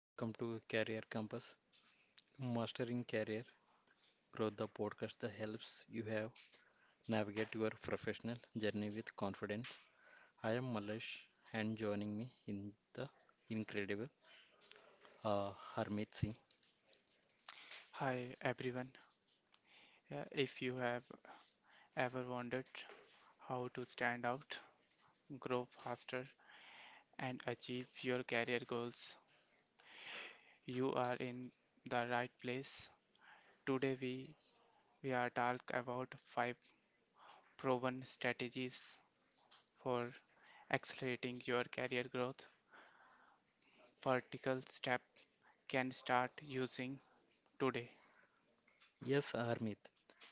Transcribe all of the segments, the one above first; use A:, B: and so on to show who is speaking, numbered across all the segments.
A: Welcome to Career Compass, Mastering Career Growth, the podcast that helps you have navigate your professional journey with confidence. I am Malesh, and joining me in the incredible Harmeet Singh.
B: Hi everyone. If you have ever wondered how to stand out, grow faster, and achieve your career goals, you are in the right place. Today we are talk about five proven strategies for accelerating your career growth. Vertical step can start using today.
A: Yes, Harmeet.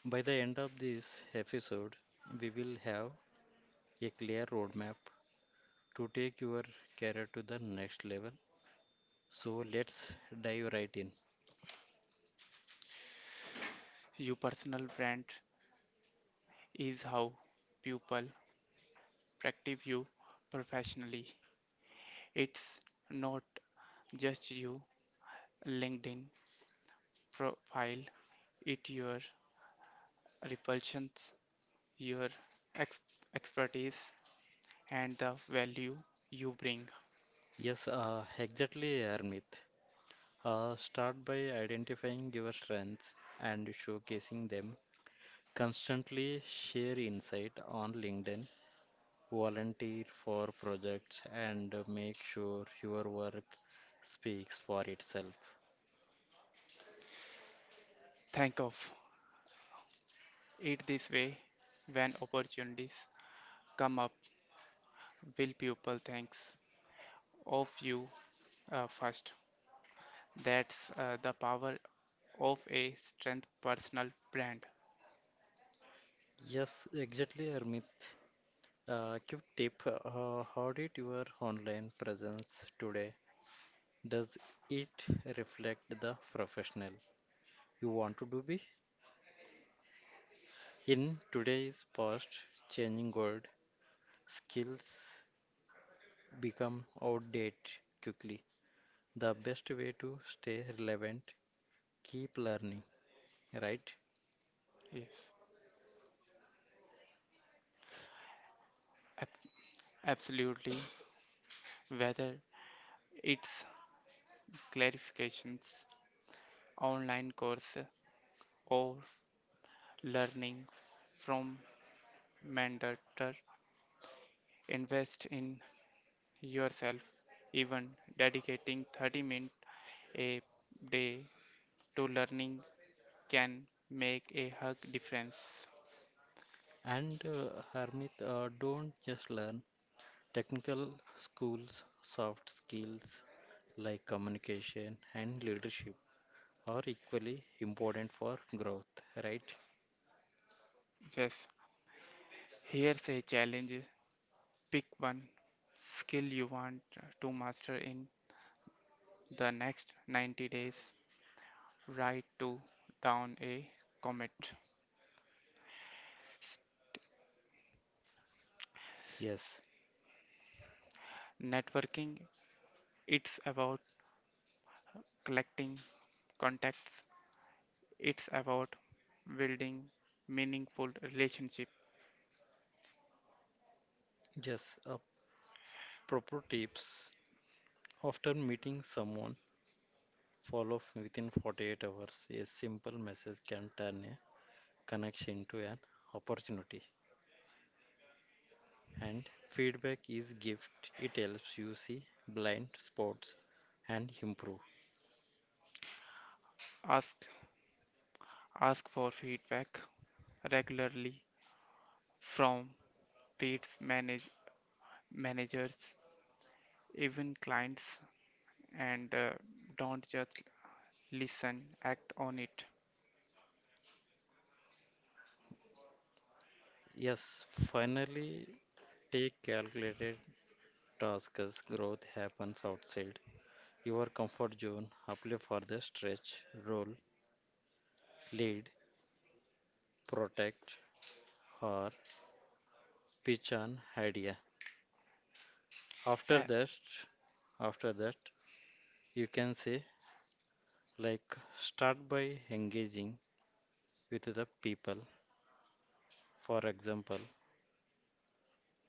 A: By the end of this episode, we will have a clear roadmap to take your career to the next level. So let's dive right in.
B: Your personal brand is how people perceive you professionally. It's not just your LinkedIn profile, it's your repulsions, your ex- expertise, and the value you bring.
A: Yes, exactly, Harmeet. Start by identifying your strengths and showcasing them. Constantly share insight on LinkedIn, volunteer for projects, and make sure your work speaks for itself.
B: Think of it this way when opportunities come up, will people think of you first? That's the power of a strength personal brand.
A: Yes, exactly, Armit. Quick tip how did your online presence today? Does it reflect the professional you want to do be? In today's past changing world, skills become outdated quickly. The best way to stay relevant, keep learning, right?
B: Yes, Ab- absolutely. Whether it's clarifications online course or learning from mentor invest in yourself even dedicating 30 minutes a day to learning can make a huge difference.
A: And Harmit, don't just learn technical schools, soft skills like communication and leadership are equally important for growth, right?
B: Yes, here's a challenge, pick one skill you want to master in the next 90 days, write to down a commit.
A: Yes,
B: Networking, it's about collecting contacts. It's about building meaningful relationship.
A: just a proper tips. After meeting someone, follow up within 48 hours. A simple message can turn connects into an opportunity, and feedback is gift, it helps you see blind spots and improve.
B: Ask ask for feedback regularly from peers, managers, even clients, and don't just listen. Act on it.
A: Yes, finally, take calculated tasks, growth happens outside your comfort zone. Apply for the stretch role, lead protect or pitch an idea after
B: E-
A: that. After that, you can say like, start by engaging with the people. For example,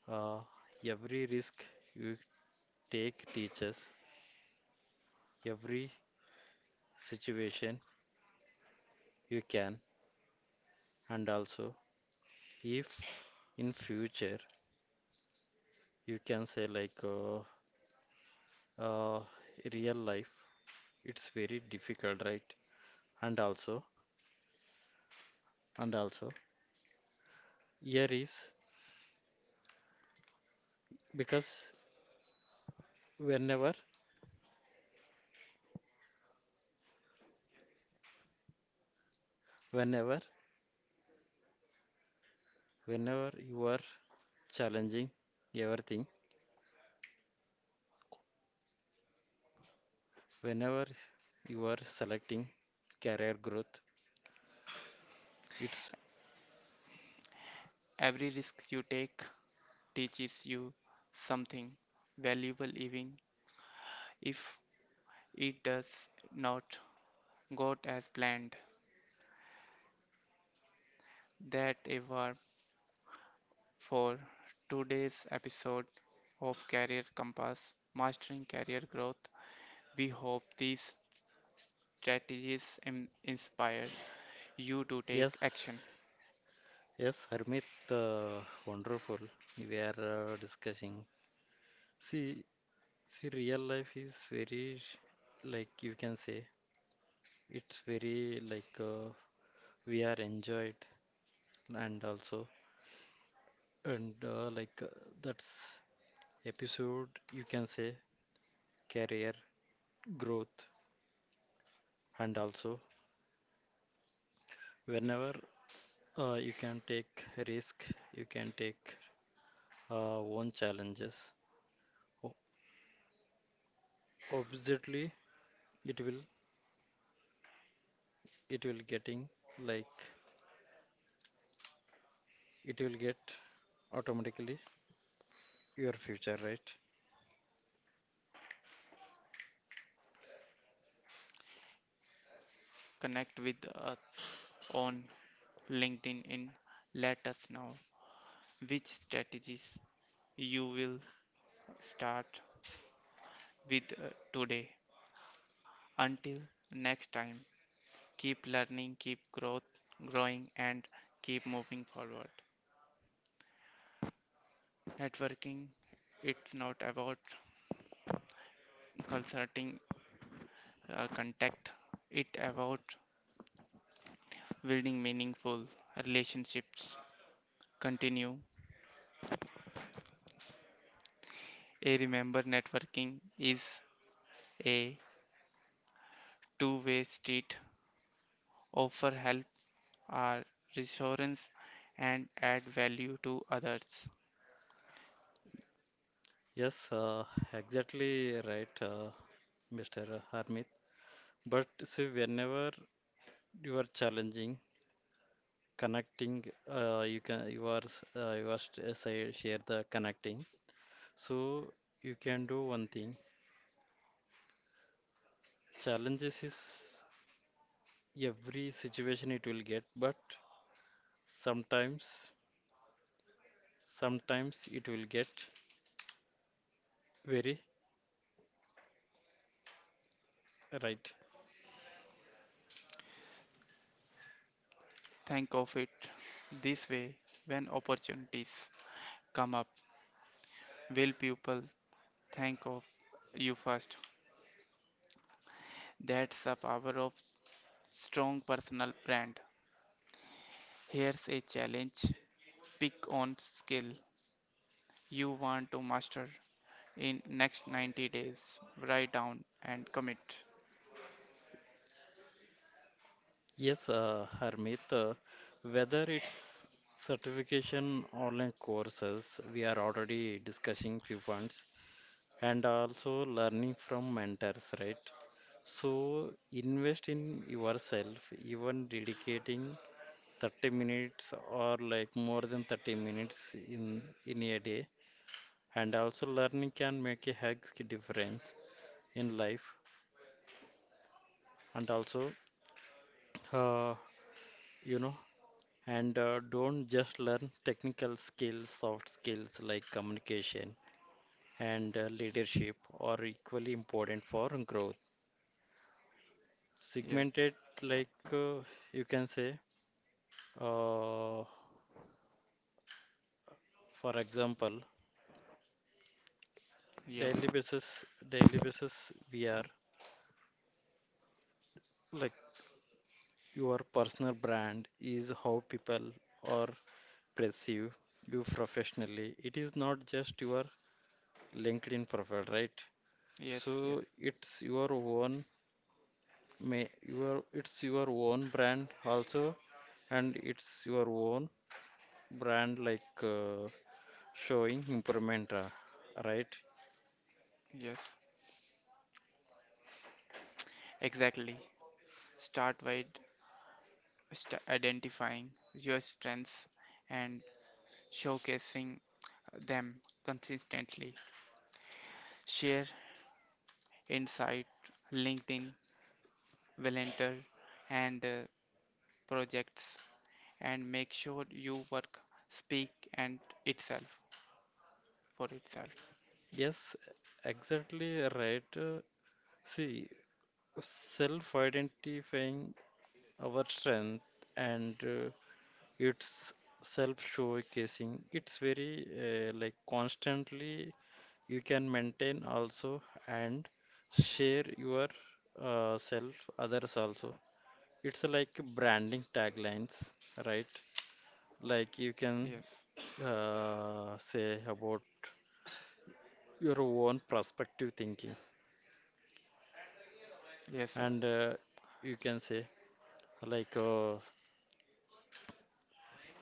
A: Uh, every risk you take teaches, every situation you can, and also if in future you can say like uh, real life, it's very difficult, right? And also, and also, here is because whenever, whenever, whenever you are challenging everything, whenever you are selecting career growth, it's
B: Every risk you take teaches you something valuable, even if it does not go as planned. That ever for today's episode of Career Compass Mastering Career Growth. We hope these strategies inspire you to take
A: yes.
B: action.
A: Yes, Harmit, wonderful. We are discussing. See, see, real life is very, like you can say, it's very like we are enjoyed, and also, and like that's episode you can say career growth, and also whenever you can take risk, you can take own challenges. O- Obviously, it will it will getting like it will get automatically your future, right?
B: Connect with us on LinkedIn and let us know which strategies you will start with today. Until next time, keep learning, keep growth, growing, and keep moving forward. Networking, it's not about consulting contact it about building meaningful relationships continue a remember networking is a two-way street, offer help or reassurance and add value to others.
A: Yes, exactly right, Mr. Harmit. But see, whenever you are challenging, connecting, you can you are say, share the connecting. So you can do one thing. Challenges is every situation it will get, but sometimes sometimes it will get very right.
B: Think of it this way when opportunities come up, will people think of you first? That's the power of strong personal brand. Here's a challenge, pick on skill you want to master in next 90 days, write down and commit.
A: Yes, Harmeet, whether it's certification online courses, we are already discussing few funds and also learning from mentors, right? So invest in yourself, even dedicating 30 minutes or like more than 30 minutes in a day. And also learning can make a huge difference in life. And also, uh, you know, and don't just learn technical skills soft skills like communication and leadership are equally important for growth
B: Yes,
A: segmented. Like you can say uh, for example,
B: yes,
A: daily basis daily basis we are like, your personal brand is how people are perceive you professionally, it is not just your LinkedIn profile, right?
B: yes, yes,
A: So it's your own, may your, it's your own brand also, and it's your own brand like showing improvement right.
B: yes, exactly. Start by identifying your strengths and showcasing them consistently, share insight LinkedIn, volunteer and projects, and make sure you work speak and itself for itself.
A: Yes, exactly right. See, self identifying our strength, and it's self showcasing, it's very like constantly you can maintain also, and share your self others also. It's like branding taglines, right? Like you can
B: Yes.
A: say about your own perspective thinking,
B: Yes, sir.
A: and you can say like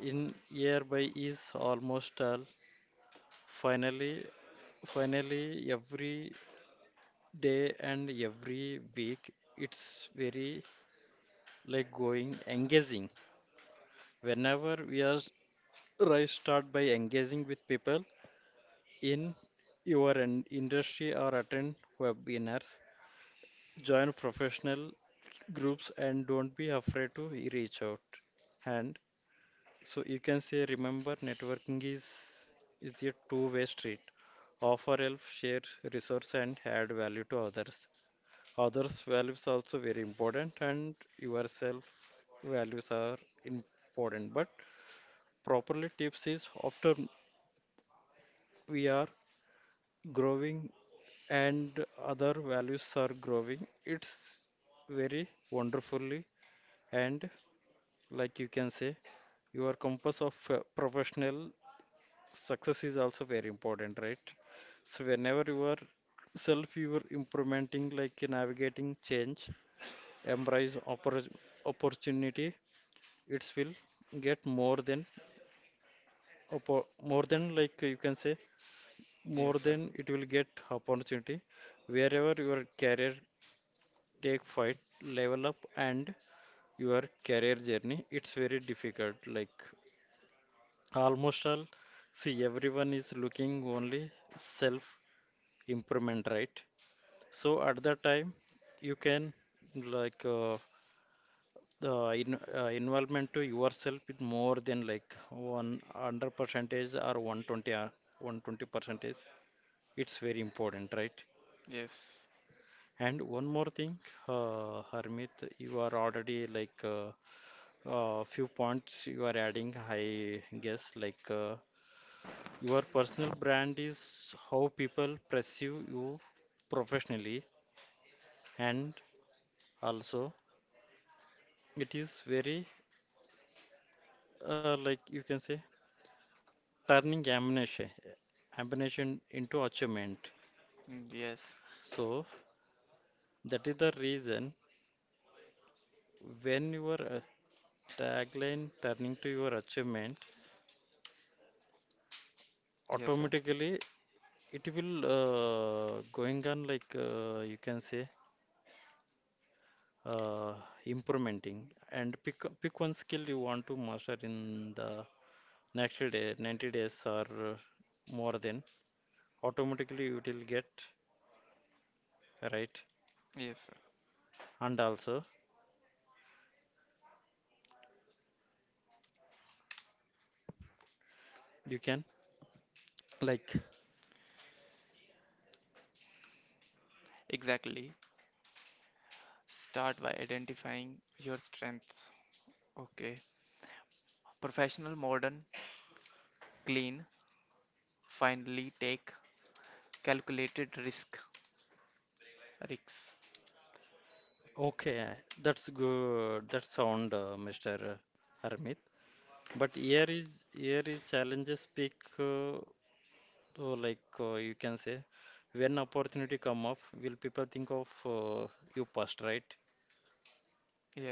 A: in hereby is almost all. Finally, finally, every day and every week, it's very like going engaging. Whenever we are right, start by engaging with people in your industry or attend webinars, join professional groups and don't be afraid to reach out. And so you can say, remember networking is a two-way street. Offer help, share resource and add value to others. Others' values also very important and yourself values are important. But properly tips is after we are growing and other values are growing, it's very wonderfully, and like you can say your compass of professional success is also very important, right? So whenever you are self you are implementing like navigating change, embrace opportunity, it will get more than more than like you can say, more
B: Yes, sir.
A: than, it will get opportunity wherever your career take fight level up, and your career journey it's very difficult, like almost all, see everyone is looking only self improvement, right? So at that time you can, like the in, involvement to yourself is more than like 100 percentage or 120 or 120 percentage. It's very important, right?
B: Yes.
A: And one more thing, Harmit, you are already like few points you are adding, I guess, like your personal brand is how people perceive you professionally, and also it is very like you can say turning ammunition into achievement.
B: Mm, yes.
A: So that is the reason when your tagline turning to your achievement,
B: Yes, sir.
A: automatically it will going on like you can say. uh, Implementing, and pick one skill you want to master in the next day 90 days or uh, more than automatically you will get, right?
B: Yes, sir.
A: And also you can like,
B: Exactly. Start by identifying your strengths. Okay. Professional, modern, clean. Finally, take calculated risk. Risks.
A: okay, that's good, that sound Mr. Armit, but here is challenges speak so like you can say, when opportunity come up will people think of you past, right?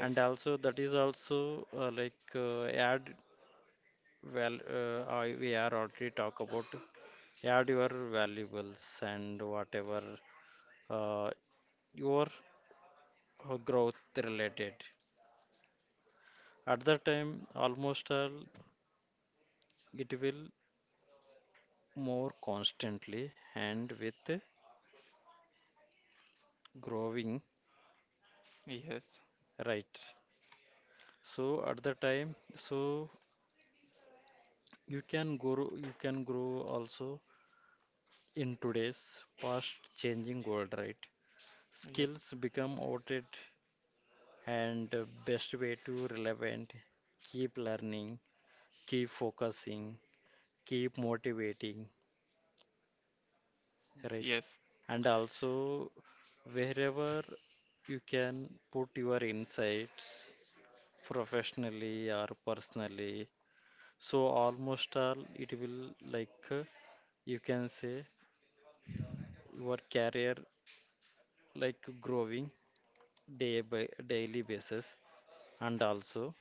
A: And also that is also like add well we are already talk about add your valuables and whatever uh, your growth related, at that time almost all it will more constantly and with growing,
B: Yes.
A: right? So at the time, so you can grow, you can grow also in today's fast changing world, right?
B: Yes.
A: Skills become outdated and the best way to relevant. Keep learning, keep focusing, keep motivating, right?
B: Yes.
A: And also wherever you can put your insights professionally or personally. So almost all it will like you can say your career like growing day by daily basis, and also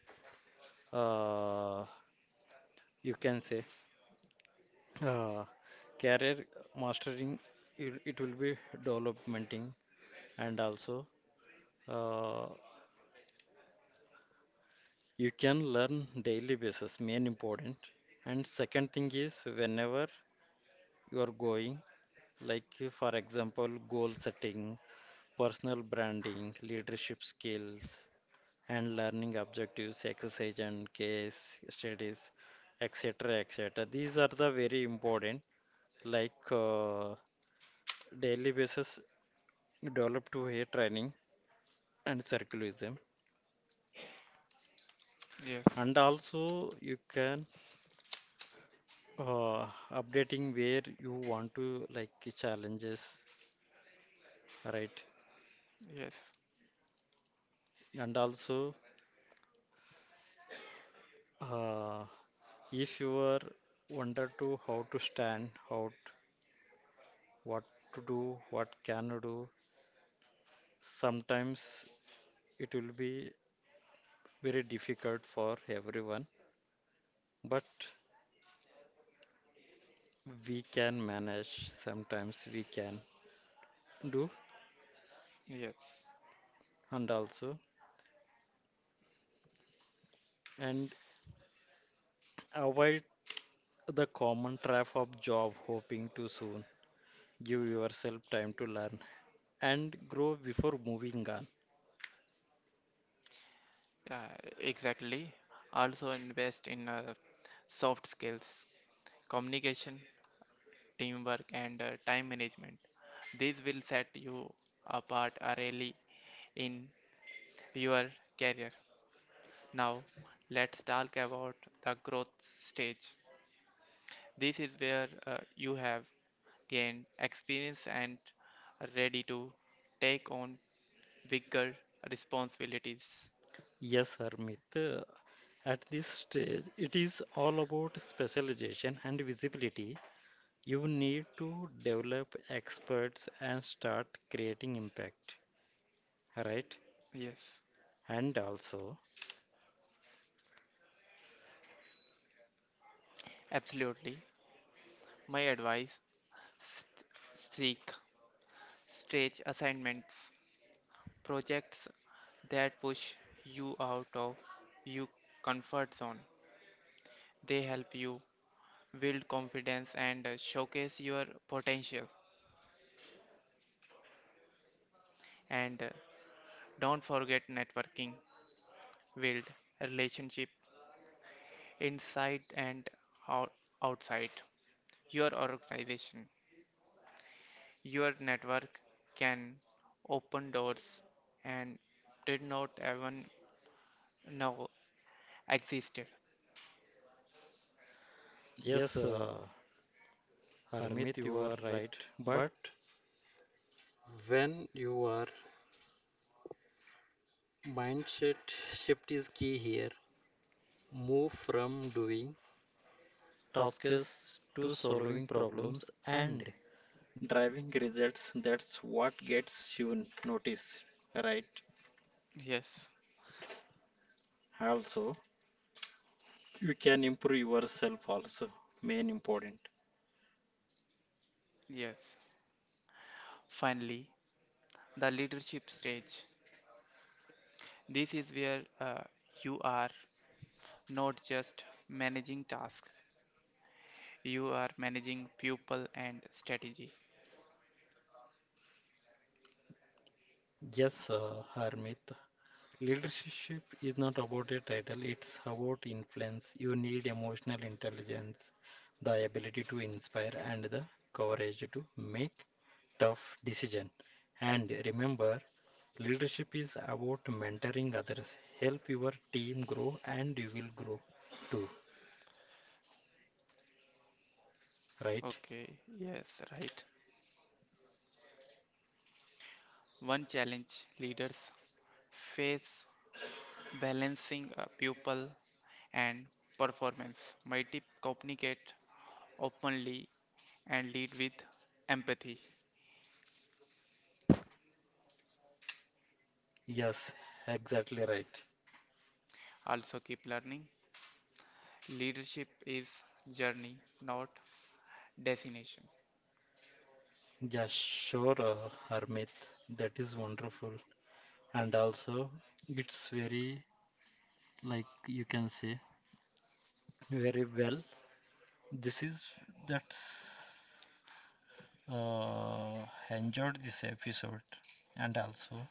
A: uh, you can say uh, career mastering, it will be developmenting, and also uh, you can learn daily basis main important, and second thing is whenever you are going like for example goal setting personal branding leadership skills and learning objectives exercise and case studies etc etc, these are the very important, like daily basis developed to hair training and circularism.
B: Yes.
A: And also you can uh, updating where you want to like challenges, right?
B: Yes.
A: And also uh, if you are wonder to how to stand, how, what to do, what can you do, sometimes it will be very difficult for everyone, but we can manage, sometimes we can do,
B: Yes.
A: and also, and avoid the common trap of job hoping too soon. Give yourself time to learn and grow before moving on.
B: Uh, exactly. Also invest in soft skills, communication, teamwork, and time management. These will set you apart early in your career. Now, let's talk about the growth stage. This is where you have gained experience and are ready to take on bigger responsibilities.
A: Yes, Harmit. At this stage, it is all about specialization and visibility. You need to develop experts and start creating impact, right?
B: Yes,
A: And also,
B: absolutely. My advice, st- seek stage assignments, projects that push you out of your comfort zone. They help you build confidence and showcase your potential. And don't forget networking, build relationship inside and out- outside your organization. Your network can open doors and did not even know existed.
A: yes, Harmit, you are right. But when you are mindset shift is key here. Move from doing task is to solving problems and driving results. That's what gets you noticed, right?
B: Yes,
A: Also, you can improve yourself also. Main important.
B: yes. Finally, the leadership stage. This is where you are not just managing tasks, you are managing people and strategy.
A: Yes, Harmit. Leadership is not about a title, it's about influence. You need emotional intelligence, the ability to inspire, and the courage to make tough decisions. And remember, leadership is about mentoring others. Help your team grow, and you will grow too, right?
B: Okay, yes, right. One challenge leaders face balancing people and performance. My tip, communicate openly and lead with empathy.
A: Yes, exactly right.
B: Also, keep learning. Leadership is journey, not destination.
A: Yeah, sure, Harmit. That is wonderful. And also, it's very, like you can say, very well. This is that's uh, enjoyed this episode, and also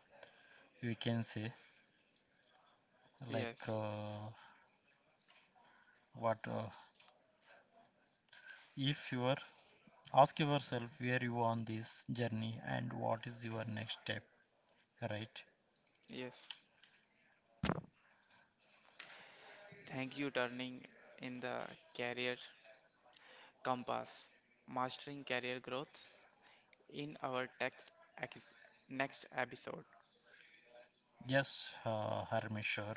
A: we can say like
B: Yes,
A: what if you are ask yourself where you on this journey and what is your next step, right?
B: yes. Thank you turning in the career compass, mastering career growth in our text ex- next episode.
A: Yes, Harmi, sure.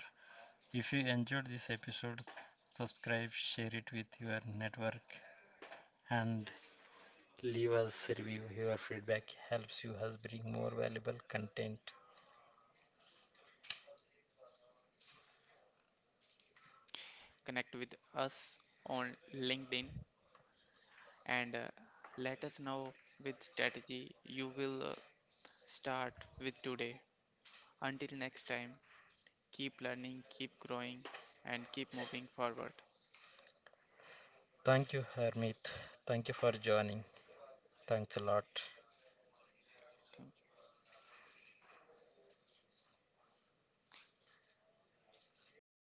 A: If you enjoyed this episode, subscribe, share it with your network, and leave us review. Your feedback helps you us bring more valuable content.
B: Connect with us on LinkedIn and let us know which strategy you will start with today. Until next time, keep learning, keep growing, and keep moving forward.
A: Thank you, Hermit. Thank you for joining. Thanks a lot.
B: Thank